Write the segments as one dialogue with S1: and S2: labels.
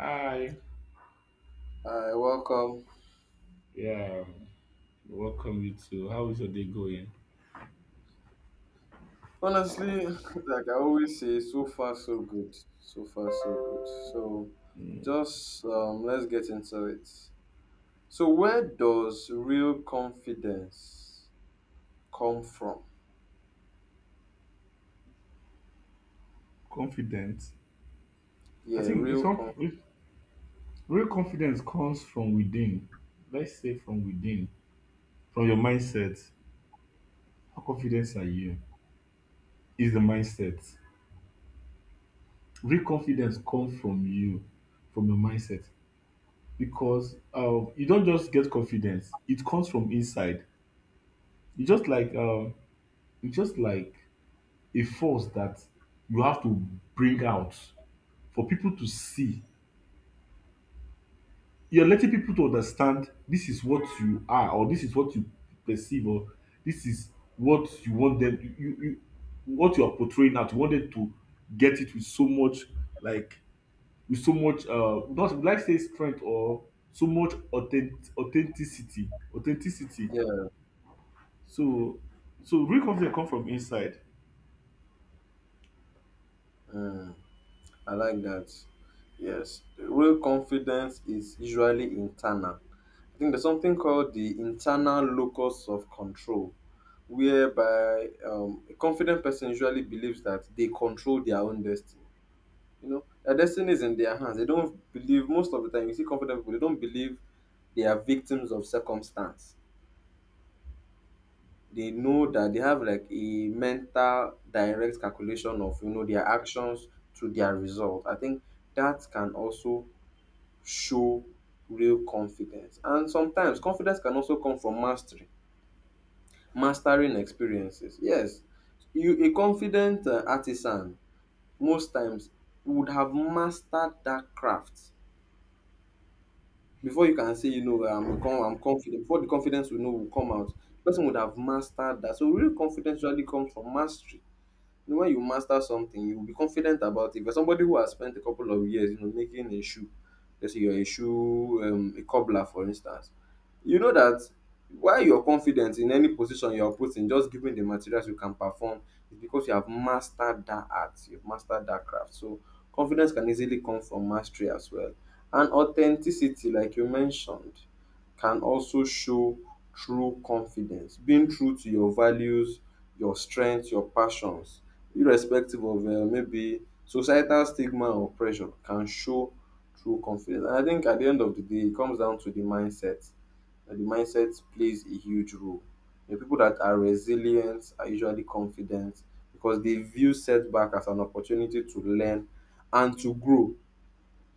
S1: Hi.
S2: Hi, welcome.
S1: Yeah. Welcome you too. How is your day going?
S2: Honestly, like I always say, so far so good. So far so good. So just let's get into it. So where does real confidence come from?
S1: Confident. I
S2: Yeah,
S1: think it's
S2: real
S1: com-
S2: confidence.
S1: it- Real confidence comes from within. Let's say from within, from your mindset. How confident are you? Is the mindset. Real confidence comes from you, from your mindset. Because you don't just get confidence; it comes from inside. It's just like um, it's just like a force that you have to bring out for people to see. You're letting people to understand this is what you are or this is what you perceive, or this is what you want them you you you- what you are portraying out. You wanted to get it with so much, like, with so much not like say strength, or so much authenticity.
S2: Yeah,
S1: So so real confidence come from inside.
S2: mm, I like that. Yes, real confidence is usually internal. I think there's something called the internal locus of control, whereby a confident person usually believes that they control their own destiny. You know, their destiny is in their hands. They don't believe most of the time. You see confident people, they don't believe they are victims of circumstance. They know that they have like a mental direct calculation of their actions to their result. I think that can also show real confidence, and sometimes confidence can also come from mastery, mastering experiences. Yes, you a confident artisan most times would have mastered that craft before you can say, you know, I'm confident. Before the confidence we know will come out, the person would have mastered that. So real confidence usually comes from mastery. You know, when you master something, you will be confident about it. But somebody who has spent a couple of years, you know, making a shoe, let's say you're a shoe, a cobbler, for instance, you know that why you're confident in any position you're put in, just given the materials you can perform, is because you have mastered that art, you've mastered that craft. So confidence can easily come from mastery as well. And authenticity, like you mentioned, can also show true confidence, being true to your values, your strengths, your passions irrespective of maybe societal stigma or pressure can show true confidence. And I think at the end of the day, it comes down to the mindset. And the mindset plays a huge role. The people that are resilient are usually confident because they view setback as an opportunity to learn and to grow.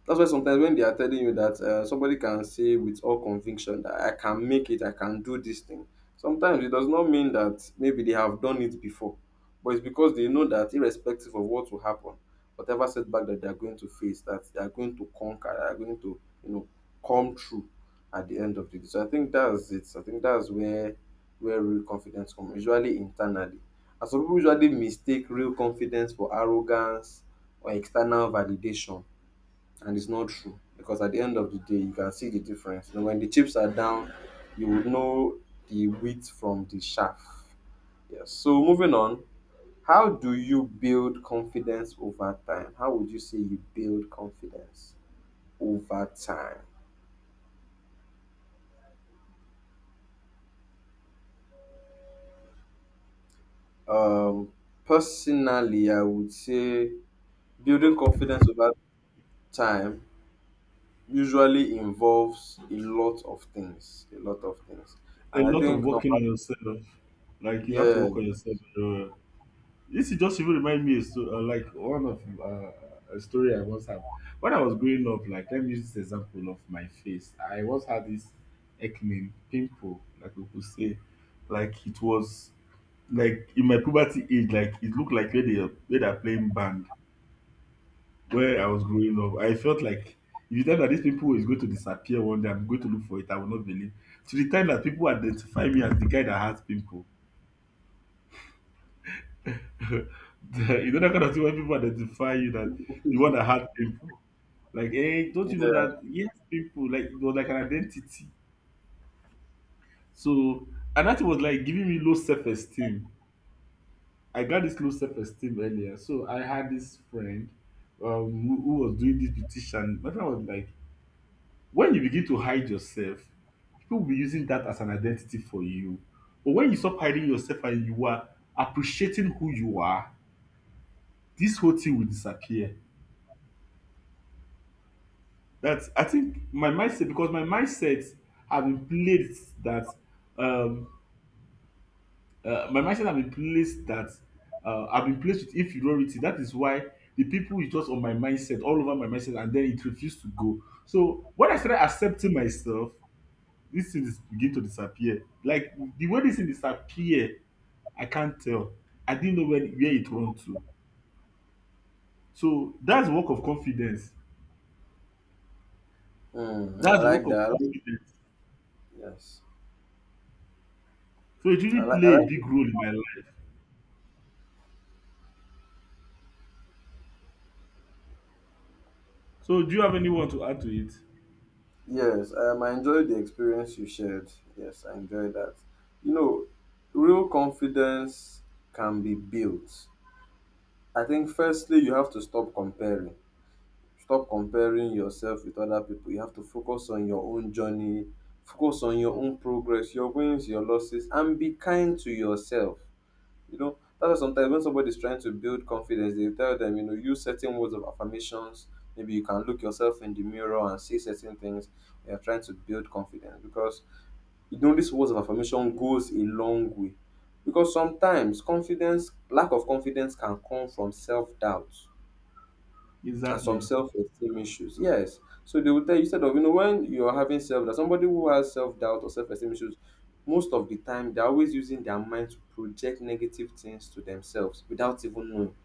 S2: That's why sometimes when they are telling you that somebody can say with all conviction that I can make it, I can do this thing, sometimes it does not mean that maybe they have done it before, but it's because they know that irrespective of what will happen, whatever setback that they are going to face, that they are going to conquer, they are going to, you know, come through at the end of the day. So I think that's it. I think that's where real confidence comes, usually internally. And some people usually mistake real confidence for arrogance or external validation, and it's not true because at the end of the day you can see the difference. And when the chips are down, you would know the wheat from the chaff. Yes. So moving on, how do you build confidence over time? How would you say you build confidence over time? Um, personally, I would say building confidence over time usually involves a lot of things, a lot of things,
S1: A
S2: and I
S1: lot of
S2: think number.
S1: working on yourself. Like you have to
S2: Yeah,
S1: work on yourself. uh, This is just even remind me so, like one of a story I once have. When I was growing up, like, let me use this example of my face. I once had this acne pimple, like we could say, like it was like in my puberty age, like it looked like where they're playing band. Where I was growing up, I felt like if you tell that this pimple is going to disappear one day, I'm going to look for it. I will not believe. To the time that people identify me as the guy that has pimple, you know that kind of thing when people identify you that the one that had people, like, hey, don't you know
S2: yeah.
S1: that, yes, people, like it was like an identity. So, and that was like giving me low self-esteem. I got this low self-esteem earlier. So I had this friend, who, was doing this petition. My friend was like, when you begin to hide yourself, people will be using that as an identity for you. But when you stop hiding yourself and you are appreciating who you are, this whole thing will disappear. That's, I think, my mindset, because my mindset have been placed that um my mindset have been placed that I've been placed with inferiority. That is why the people is just on my mindset, all over my mindset, and then it refused to go. So when I started accepting myself, this thing is begin to disappear. Like the way this thing disappear, I can't tell. I didn't know when where it run to. So that's work of confidence.
S2: I
S1: That's work
S2: like
S1: of
S2: that. I like,
S1: confidence.
S2: yes,
S1: So it
S2: I
S1: really
S2: like. I
S1: play a
S2: like.
S1: big role in my life. So do you have anyone to add to it?
S2: Yes, I enjoyed the experience you shared. Yes, I enjoyed that. You know, real confidence can be built. I think firstly you have to stop comparing. Stop comparing yourself with other people. You have to focus on your own journey, focus on your own progress, your wins, your losses, and be kind to yourself. You know, that's why sometimes when somebody's trying to build confidence, they tell them, you know, use certain words of affirmations. Maybe you can look yourself in the mirror and say certain things. They are trying to build confidence because you know these words of affirmation goes a long way. Because sometimes confidence, lack of confidence, can come from self doubt and some
S1: Exactly.
S2: self-esteem issues. Yes. So they will tell you, instead of, you know, when you're having self doubt, somebody who has self-doubt or self-esteem issues, most of the time they're always using their mind to project negative things to themselves without even knowing,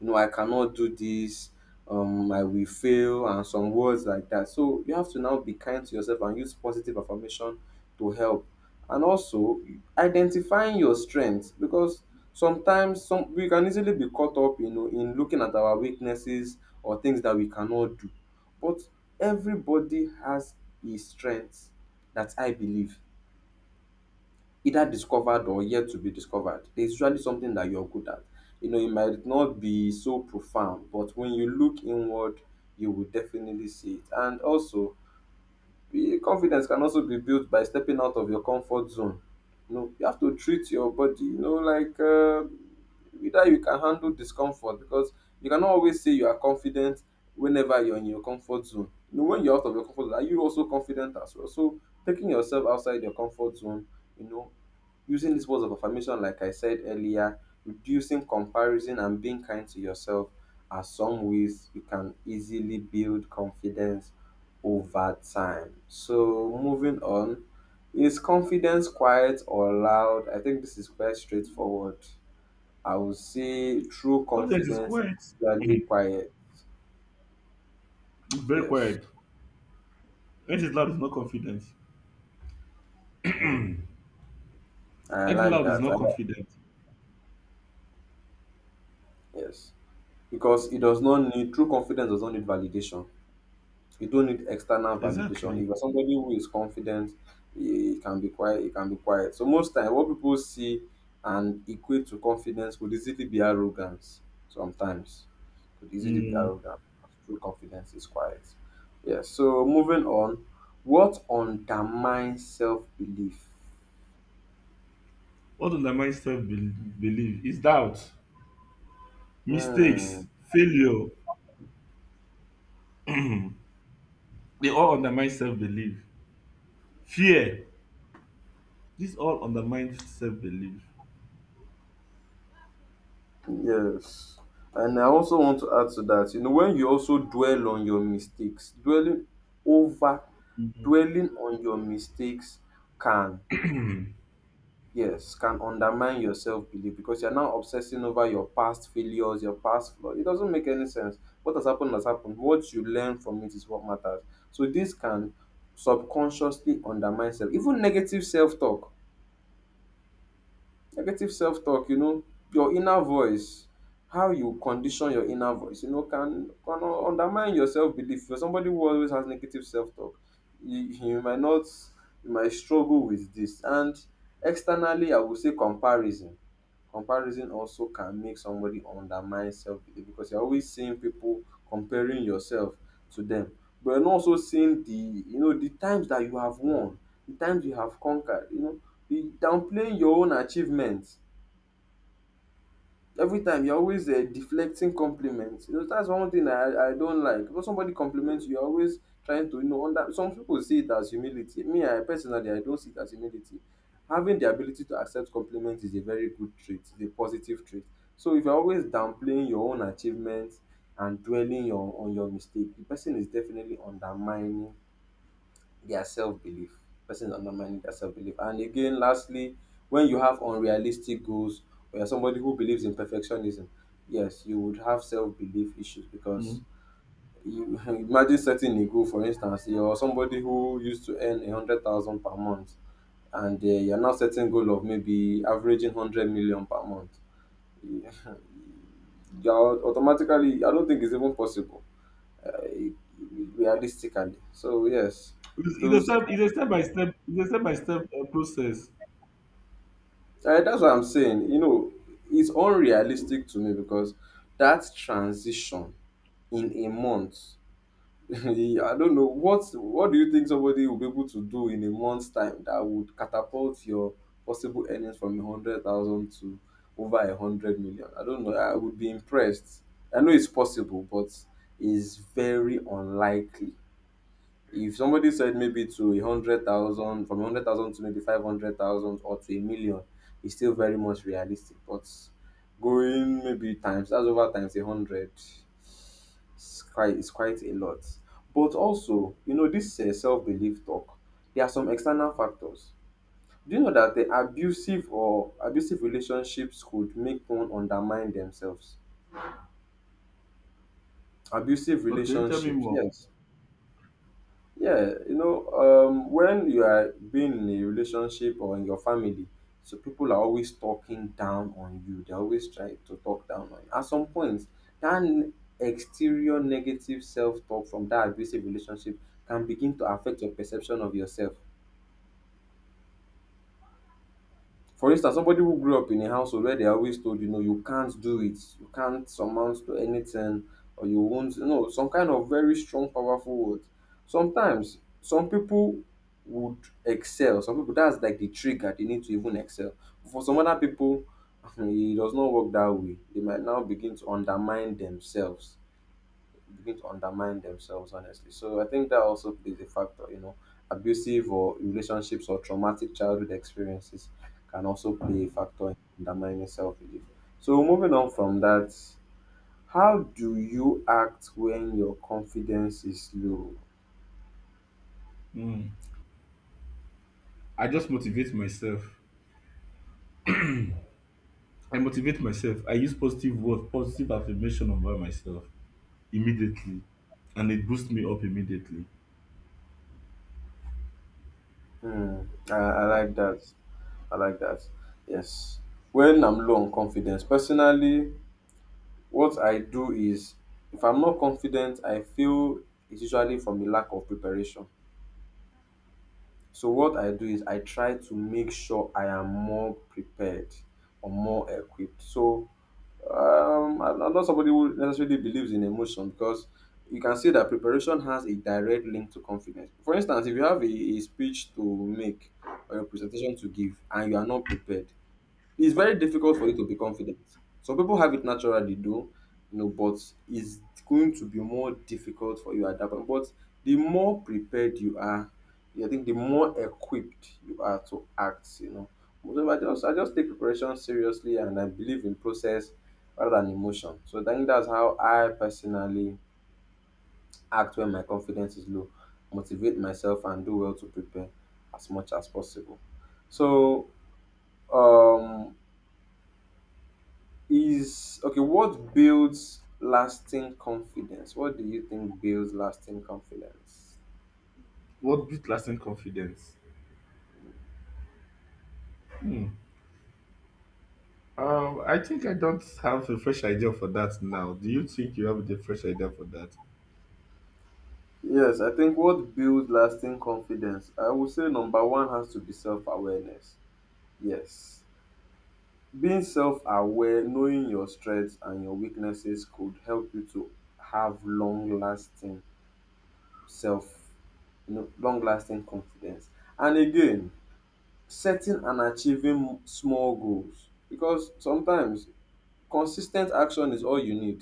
S2: you know, I cannot do this, I will fail, and some words like that. So you have to now be kind to yourself and use positive affirmation to help. And also identifying your strengths, because sometimes some we can easily be caught up, you know, in looking at our weaknesses or things that we cannot do. But everybody has a strength that I believe either discovered or yet to be discovered. There's usually something that you're good at. You know, it might not be so profound, but when you look inward, you will definitely see it. And also, confidence can also be built by stepping out of your comfort zone. You know, you have to treat your body, you know, like whether you can handle discomfort, because you cannot always say you are confident whenever you're in your comfort zone. You know, when you're out of your comfort zone, are you also confident as well? So taking yourself outside your comfort zone, you know, using these words of affirmation, like I said earlier, reducing comparison and being kind to yourself are some ways you can easily build confidence over time. So, moving on, is confidence quiet or loud? I think this is quite straightforward. I would say true
S1: Confidence is
S2: confidence is
S1: quiet.
S2: usually
S1: Mhm.
S2: quiet.
S1: It's very
S2: Yes.
S1: quiet. Anything loud is not confident.
S2: Mm. I
S1: Acting
S2: like
S1: loud is
S2: that.
S1: not confident.
S2: Yes. Because it does not need, true confidence does not need validation. You don't need external validation.
S1: Exactly.
S2: If you're somebody who is confident, it can be quiet. It can be quiet. So most time, what people see and equate to confidence could easily be arrogance. Sometimes could easily be
S1: Mm.
S2: arrogance. True confidence is quiet. Yes. So moving on, what undermines self belief?
S1: What undermines self belief is doubt,
S2: Hmm.
S1: mistakes, failure. They all undermine self belief. Fear. These all undermine self belief.
S2: Yes, and I also want to add to that, you know, when you also dwell on your mistakes, over
S1: Mm-hmm.
S2: dwelling on your mistakes can, yes, can undermine your self-belief, because you're now obsessing over your past failures, your past flaws. It doesn't make any sense. What has happened has happened; what you learn from it is what matters. So this can subconsciously undermine self, even negative self-talk. Negative self-talk, you know, your inner voice, how you condition your inner voice, you know, can undermine your self-belief. For somebody who always has negative self-talk, you might not, you might struggle with this. And externally, I would say comparison. Comparison also can make somebody undermine self-belief, because you're always seeing people, comparing yourself to them. But you're not also seeing the, you know, the times that you have won, the times you have conquered, you know, be downplaying your own achievements. Every time you're always deflecting compliments. You know, that's one thing I don't like. When somebody compliments you, you're always trying to, you know, under some people see it as humility. Me, I personally, I don't see it as humility. Having the ability to accept compliments is a very good trait, is a positive trait. So if you're always downplaying your own achievements and dwelling your on your mistake, the person is definitely undermining their self-belief, and again lastly, when you have unrealistic goals, or you're somebody who believes in perfectionism, yes, you would have self-belief issues, because you imagine setting a goal. For instance, you're somebody who used to earn 100,000 per month, and you're now setting goal of maybe averaging 100 million per month. You're automatically, I don't think it's even possible, uh, realistically, so yes,
S1: It's a
S2: those
S1: step. It's a step by step. It's a step by step process.
S2: That's what I'm saying. You know, it's unrealistic to me because that transition in a month, I don't know what, do you think somebody will be able to do in a month's time that would catapult your possible earnings from 100,000 to over 100 million? I don't know. I would be impressed. I know it's possible, but it's very unlikely. If somebody said maybe to 100,000, from a hundred thousand to maybe 500,000 or to 1 million, it's still very much realistic. But going maybe times that's over times 100, it's quite a lot. But also, you know, this self belief talk, there are some external factors. Do you know that the abusive or abusive relationships could make one undermine themselves? Abusive
S1: Okay, tell me
S2: relationships,
S1: more.
S2: yes. Yeah, you know, when you are being in a relationship or in your family, so people are always talking down on you. They always try to talk down on you. At some point, that exterior negative self-talk from that abusive relationship can begin to affect your perception of yourself. For instance, somebody who grew up in a household where they're always told, you know, you can't do it, you can't amount to anything, or you won't, you know, some kind of very strong, powerful words. Sometimes, some people would excel. Some people, that's like the trigger. They need to even excel. For some other people, it does not work that way. They might now begin to undermine themselves, honestly. So I think that also plays a factor. Abusive or relationships or traumatic childhood experiences can also play a factor in undermining self-belief. So moving on from that, how do you act when your confidence is low?
S1: Mm. I just motivate myself. I motivate myself. I use positive words, positive affirmation about myself immediately, and it boosts me up immediately.
S2: Hmm, I like that. I like that. Yes. When I'm low on confidence personally, what I do is, if I'm not confident, I feel it's usually from the lack of preparation. So what I do is I try to make sure I am more prepared or more equipped. So I'm not somebody who necessarily believes in emotion, because you can see that preparation has a direct link to confidence. For instance, if you have a speech to make or a presentation to give and you are not prepared, it's very difficult for you to be confident. Some people have it naturally, though, you know, but it's going to be more difficult for you at that point. But the more prepared you are, I think the more equipped you are to act, you know. So I just take preparation seriously, and I believe in process rather than emotion. So I think that's how I personally act when my confidence is low, motivate myself and do well to prepare as much as possible. So, um is okay, what builds lasting confidence? What do you think builds lasting confidence?
S1: What built lasting confidence? Hmm. I think I don't have a fresh idea for that now. Do you think you have a fresh idea for that?
S2: Yes, I think what builds lasting confidence, I would say number one has to be self-awareness. Yes, being self-aware, knowing your strengths and your weaknesses could help you to have long-lasting self, you know, long-lasting confidence. And again, setting and achieving small goals, because sometimes consistent action is all you need.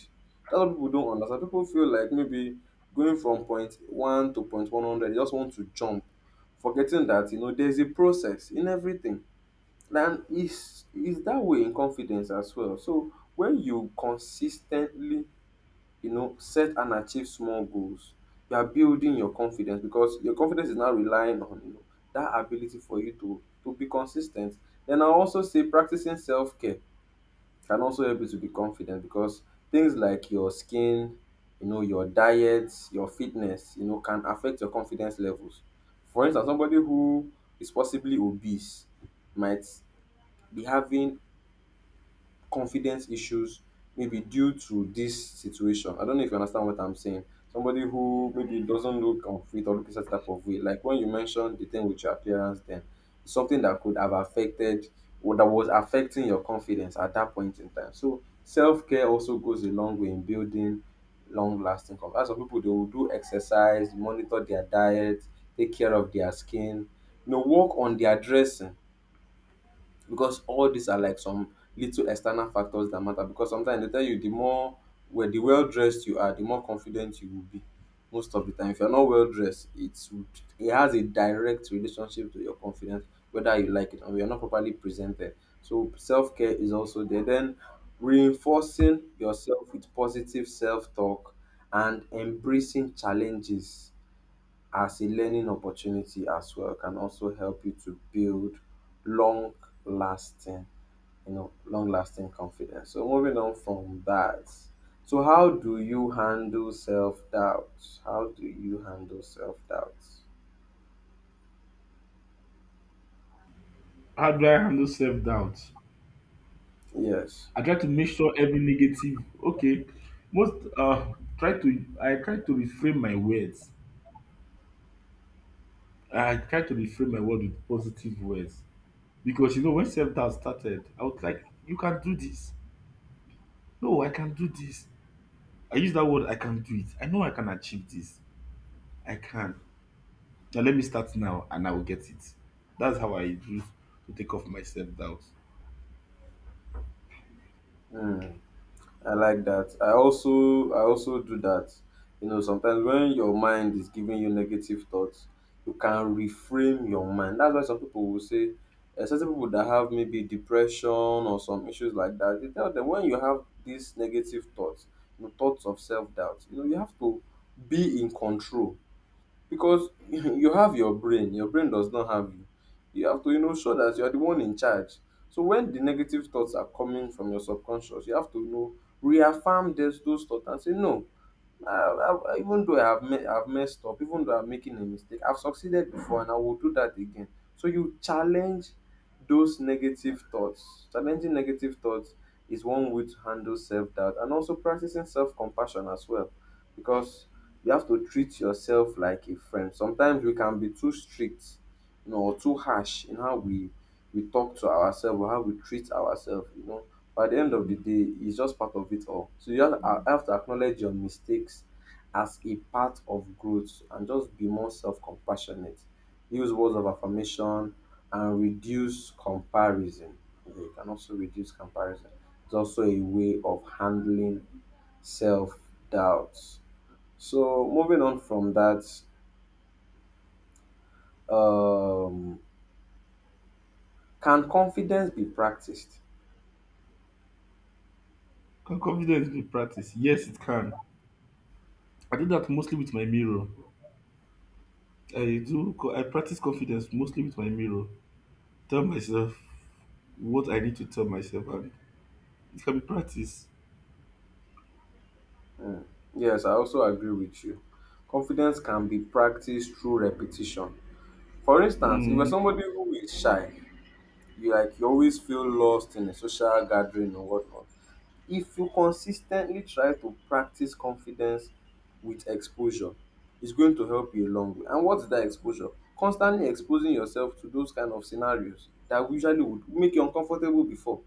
S2: That's what people don't understand. People feel like maybe going from point one to point 100, they just want to jump, forgetting that you know there's a process in everything. And it's that way in confidence as well. So when you consistently, you know, set and achieve small goals, you are building your confidence, because your confidence is now relying on, you know, that ability for you to be consistent. Then I also say practicing self care can also help you to be confident, because things like your skin, you know, your diet, your fitness, you know, can affect your confidence levels. For instance, somebody who is possibly obese might be having confidence issues, maybe due to this situation. I don't know if you understand what I'm saying. Somebody who maybe doesn't look confident or look a certain type of way. Like when you mentioned the thing with your appearance, then it's something that could have affected, or that was affecting your confidence at that point in time. So self care also goes a long way in building long lasting confidence. As of people, they will do exercise, monitor their diet, take care of their skin, you know, work on their dressing, because all these are like some little external factors that matter, because sometimes they tell you the more well, the well dressed you are, the more confident you will be. Most of the time, if you're not well dressed, it has a direct relationship to your confidence, whether you like it, or you're not properly presented. So self-care is also there. Then reinforcing yourself with positive self-talk and embracing challenges as a learning opportunity as well can also help you to build long lasting, you know, long lasting confidence. So moving on from that, so how do you handle self-doubt? How do you handle self-doubt?
S1: How do I handle self doubt?
S2: Yes.
S1: I try to make sure every negative. Okay, most try to I try to reframe my words. I try to reframe my word with positive words, because you know when self doubt started, I was like, you can do this. No, I can do this. I use that word, I can do it. I know I can achieve this. I can. Now let me start now and I will get it. That's how I use to take off my self doubt.
S2: Hmm. I like that. I also do that. You know, sometimes when your mind is giving you negative thoughts, you can reframe your mind. That's why some people will say, certain people that have maybe depression or some issues like that, they tell them, when you have these negative thoughts, you know, thoughts of self doubt, you know, you have to be in control, because you have your brain. Your brain does not have you. You have to, show that you are the one in charge. So when the negative thoughts are coming from your subconscious, you have to, reaffirm those thoughts and say no. Even though I've messed up, even though I'm making a mistake, I've succeeded before and I will do that again. So you challenge those negative thoughts. Challenging negative thoughts is one way to handle self doubt, and also practicing self compassion as well. Because you have to treat yourself like a friend. Sometimes we can be too strict, you know, or too harsh in how we talk to ourselves or how we treat ourselves. You know, but at the end of the day, it's just part of it all. So I have to acknowledge your mistakes as a part of growth and just be more self-compassionate. Use words of affirmation and reduce comparison. Yeah, you can also reduce comparison. It's also a way of handling self doubts. So moving on from that, um, can confidence be practiced?
S1: Can confidence be practiced? Yes, it can. I do that mostly with my mirror. I practice confidence mostly with my mirror. Tell myself what I need to tell myself, and it can be practiced.
S2: Yes, I also agree with you. Confidence can be practiced through repetition. For instance, if you're
S1: Mm,
S2: somebody who is shy, you like you always feel lost in a social gathering or whatnot. If you consistently try to practice confidence with exposure, it's going to help you a long way. And what's that exposure? Constantly exposing yourself to those kind of scenarios that usually would make you uncomfortable before.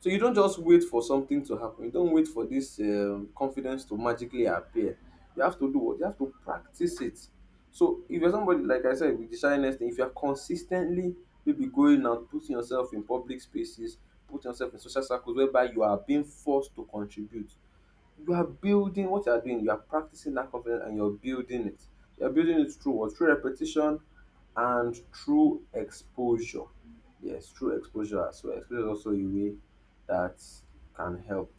S2: So you don't just wait for something to happen. You don't wait for this confidence to magically appear. You have to do what? You have to practice it. So if you're somebody, like I said, with the shyness thing, if you're consistently maybe going out, putting yourself in public spaces, putting yourself in social circles whereby you are being forced to contribute, you are building what you are doing. You are practicing that confidence and you're building it. You're building it through what? Through repetition, and through exposure. Yes, through exposure as well. Exposure is also a way that can help.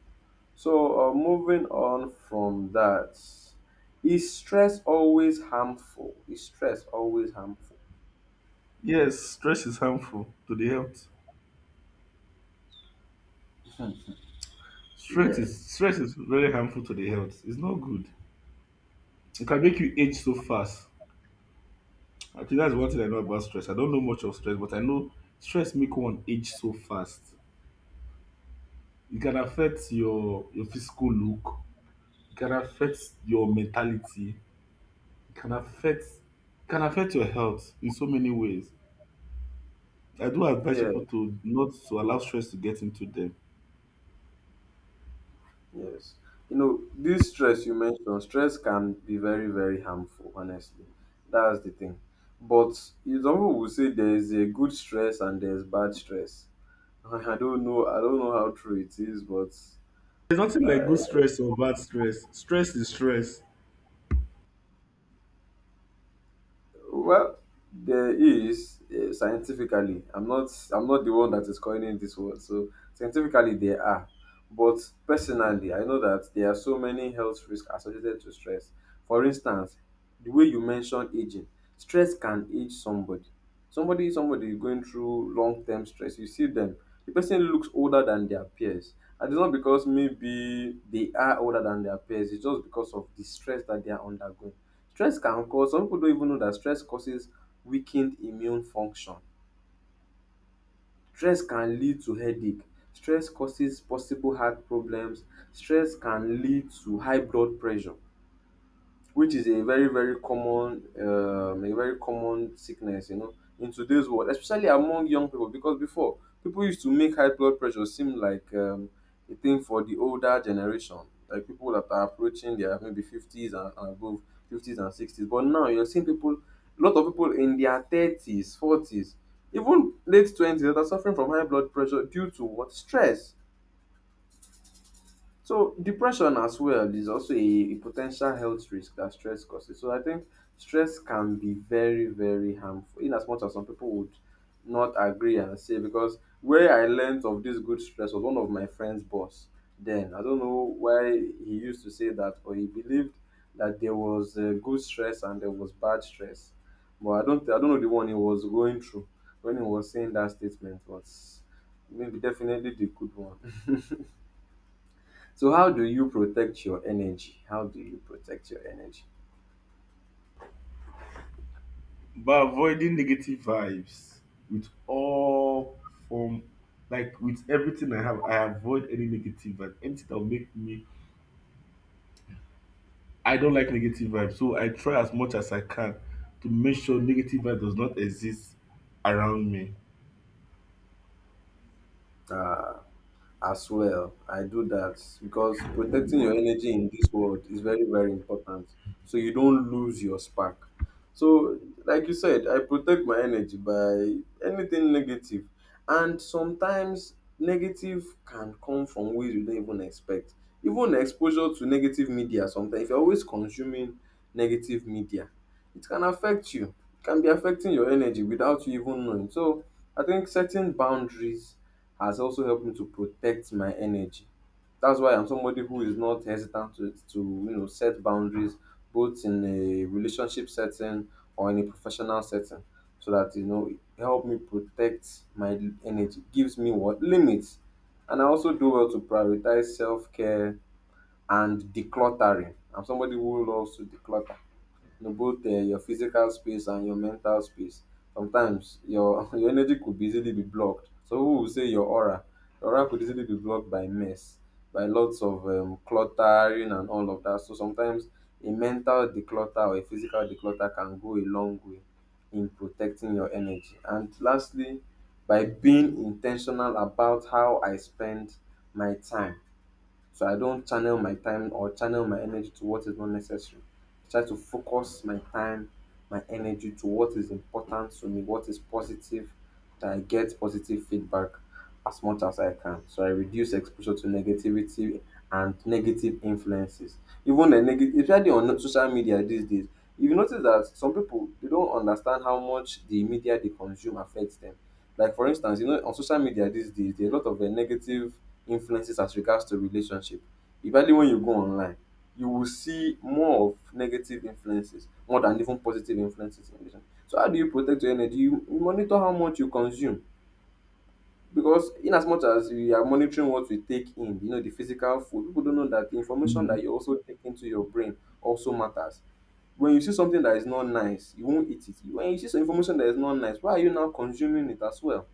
S2: So, moving on from that, is stress always harmful? Is stress always harmful?
S1: yes, stress is harmful to the health. Stress is
S2: Yes,
S1: stress is very harmful to the health. It's not good. It can make you age so fast. I think that's one thing I know about stress. I don't know much of stress, but I know stress make one age so fast. It can affect your physical look. It can affect your mentality. It can affect your health in so many ways. I do advise people
S2: yes,
S1: to not to allow stress to get into them.
S2: yes. You know, this stress you mentioned, stress can be very, very harmful, honestly. That's the thing. But you know, some people will say there's a good stress and there's bad stress. I don't know. I don't know how true it is, but
S1: There's nothing like good
S2: I
S1: stress or bad stress. Stress is stress.
S2: well, there is scientifically. I'm not the one that is coining this word. So scientifically, there are. But personally, I know that there are so many health risks associated to stress. For instance, the way you mentioned aging, stress can age somebody. Somebody is going through long-term stress. You see them. The person looks older than their peers, and it's not because maybe they are older than their peers. It's just because of the stress that they are undergoing. Stress can cause some pipu don even know dat stress causes weakened immune function. Stress can lead to headache. Stress causes possible heart problems. Stress can lead to high blood pressure, which is a very very common, a very common sickness, you know, in today's world, especially among young people, because before, people used to make high blood pressure seem like a thing for the older generation, like people that are approaching their maybe 50s and above, 50s and 60s. But now you're seeing people, a lot of people in their 30s, 40s, even late 20s, that are suffering from high blood pressure due to what? Stress. So depression as well is also a potential health risk that stress causes. So I think stress can be very, very harmful. In as much as some people would not agree and say, because where I learned of this good stress was one of my friend's boss. Then I don't know why he used to say that, or he believed that there was good stress and there was bad stress. But I don't know the one he was going through when he was saying that statement, was maybe definitely the good one. So how do you protect your energy? How do you protect your energy?
S1: By avoiding negative vibes with all form, like with everything I have, I avoid any negative vibe. Anything that will make me, I don't like negative vibes, so I try as much as I can to make sure negative vibe does not exist around me.
S2: Ah, as well. I do that because protecting your energy in this world is very, very important. So you don't lose your spark. So, like you said, I protect my energy by anything negative. And sometimes negative can come from ways you don't even expect. Even exposure to negative media, sometimes, if you're always consuming negative media, it can affect you. It can be affecting your energy without you even knowing. So, I think setting boundaries has also helped me to protect my energy. That's why I'm somebody who is not hesitant to, to set boundaries both in a relationship setting or in a professional setting so that you know it help me protect my energy gives me what limits, and I also do well to prioritize self-care and decluttering. I'm somebody who loves to declutter, you know, both your physical space and your mental space. Sometimes your your energy could be easily be blocked. So who will say your aura? Your aura could easily be blocked by mess, by lots of cluttering and all of that. So sometimes a mental declutter or a physical declutter can go a long way in protecting your energy. And lastly, by being intentional about how I spend my time. So I don't channel my time or channel my energy to what is not necessary. I try to focus my time, my energy to what is important to me, what is positive, that I get positive feedback as much as I can. So I reduce exposure to negativity and negative influences. Even the negative, especially on social media these days, if you notice that some people they don't understand how much the media they consume affects them. Like for instance, you know, on social media these days, there are a lot of negative influences as regards to relationship. Especially when you go online, you will see more of negative influences more than even positive influences in relationship. So how do you protect your energy? You monitor how much you consume because in as much as we are monitoring what we take in, you know, the physical food, people don't know that the information that
S1: Mhm.
S2: you also take into your brain also matters. When you see something that is not nice, you won't eat it. When you see some information that is not nice, why are you now consuming it as well?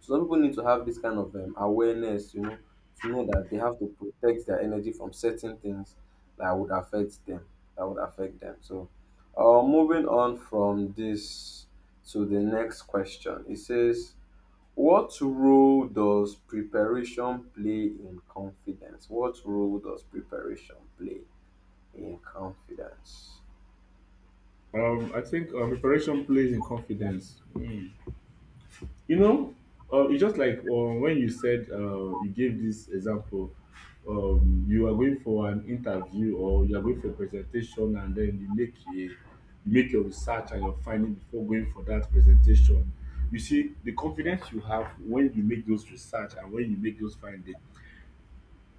S2: So some people need to have this kind of awareness, you know, to know that they have to protect their energy from certain things that would affect them, that would affect them. So, moving on from this to the next question, it says, "What role does preparation play in confidence? What role does preparation play in confidence?"
S1: I think preparation plays in confidence. Mm. You know, it's just like when you said, you gave this example, you are going for an interview or you are going for a presentation, and then you make a, you make your research and your finding before going for that presentation. You see, the confidence you have when you make those research and when you make those findings,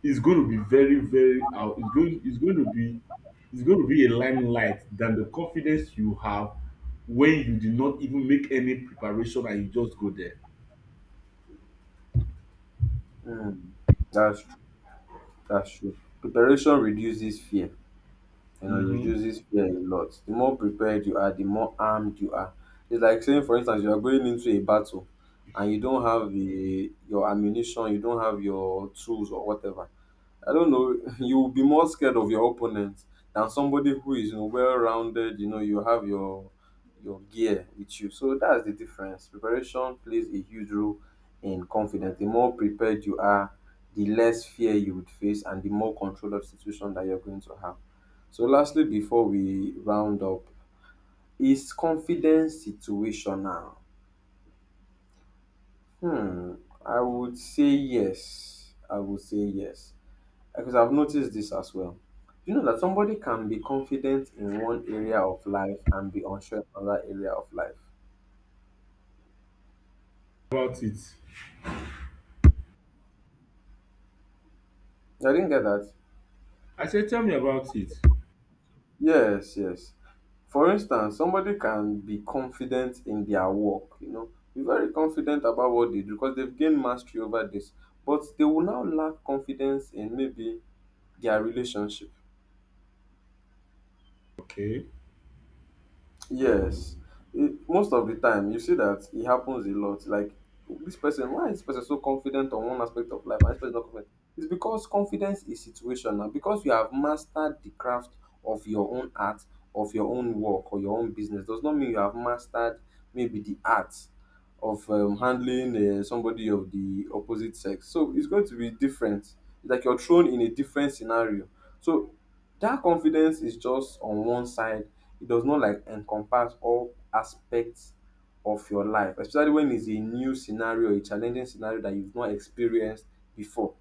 S1: it's going to be very, very out. It's going to be, it's going to be a limelight than the confidence you have when you did not even make any preparation and you just go there.
S2: Hmm, that's true. That's true. Preparation reduces fear, you know, it
S1: Mm-hmm.
S2: reduces fear a lot. The more prepared you are, the more armed you are. It's like saying, for instance, you are going into a battle and you don't have the, your ammunition, you don't have your tools or whatever. I don't know, you'll be more scared of your opponent than somebody who is, you know, well-rounded. You know, you have your gear with you. So that's the difference. Preparation plays a huge role in confidence. The more prepared you are, the less fear you would face, and the more control of situation that you're going to have. So, lastly, before we round up, is confidence situational? Hmm, I would say yes. I would say yes, because I've noticed this as well. You know that somebody can be confident in one area of life and be unsure in another area of life.
S1: About it,
S2: I didn't get that.
S1: I said, tell me about it.
S2: Yes, yes. For instance, somebody can be confident in their work, you know, be very confident about what they do because they've gained mastery over this, but they will now lack confidence in maybe their relationship.
S1: Okay.
S2: Yes, it, most of the time you see that it happens a lot. Like this person, why is this person so confident on one aspect of life and this person not confident? It's because confidence is situational. Because you have mastered the craft of your own art, of your own work or your own business, does not mean you have mastered maybe the art of handling somebody of the opposite sex. So it's going to be different. It's like you're thrown in a different scenario. So that confidence is just on one side, it does not like encompass all aspects of your life, especially when it's a new scenario, a challenging scenario that you've not experienced before.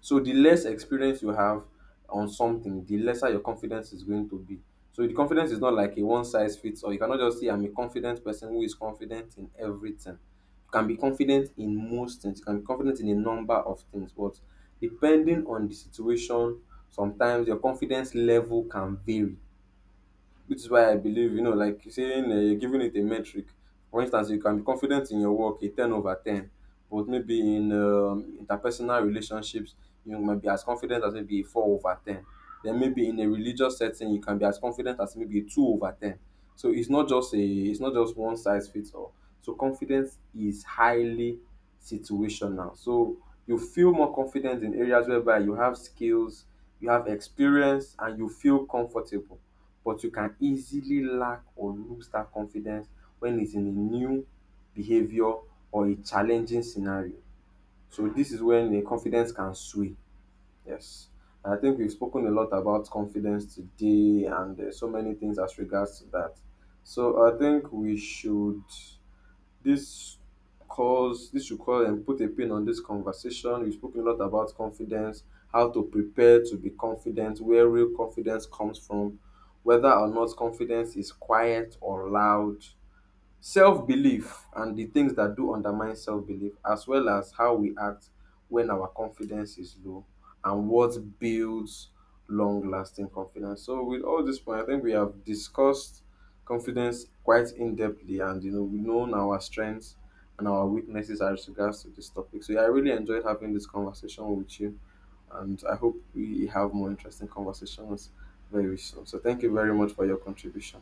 S2: So the less experience you have on something, the lesser your confidence is going to be. So the confidence is not like a one size fits all. You cannot just say I'm a confident person who is confident in everything. You can be confident in most things. You can be confident in a number of things, but depending on the situation, sometimes your confidence level can vary, which is why I believe, you know, like saying you're giving it a metric. For instance, you can be confident in your work, a 10 over 10, but maybe in interpersonal relationships, you might be as confident as maybe a 4 over 10. Then maybe in a religious setting, you can be as confident as maybe a 2 over 10. So it's not just a, it's not just one size fits all. So confidence is highly situational. So you feel more confident in areas whereby you have skills, you have experience, and you feel comfortable, but you can easily lack or lose that confidence when it's in a new behavior or a challenging scenario. So this is when the confidence can sway. Yes. And I think we've spoken a lot about confidence today and so many things as regards to that. So I think we should this cause this should cause and put a pin on this conversation. We've spoken a lot about confidence, how to prepare to be confident, where real confidence comes from, whether or not confidence is quiet or loud, self-belief and the things that do undermine self-belief, as well as how we act when our confidence is low and what builds long-lasting confidence. So with all this point, I think we have discussed confidence quite in-depthly, and you know we know our strengths and our weaknesses as regards to this topic. So yeah, I really enjoyed having this conversation with you, and I hope we have more interesting conversations very soon. So thank you very much for your contribution.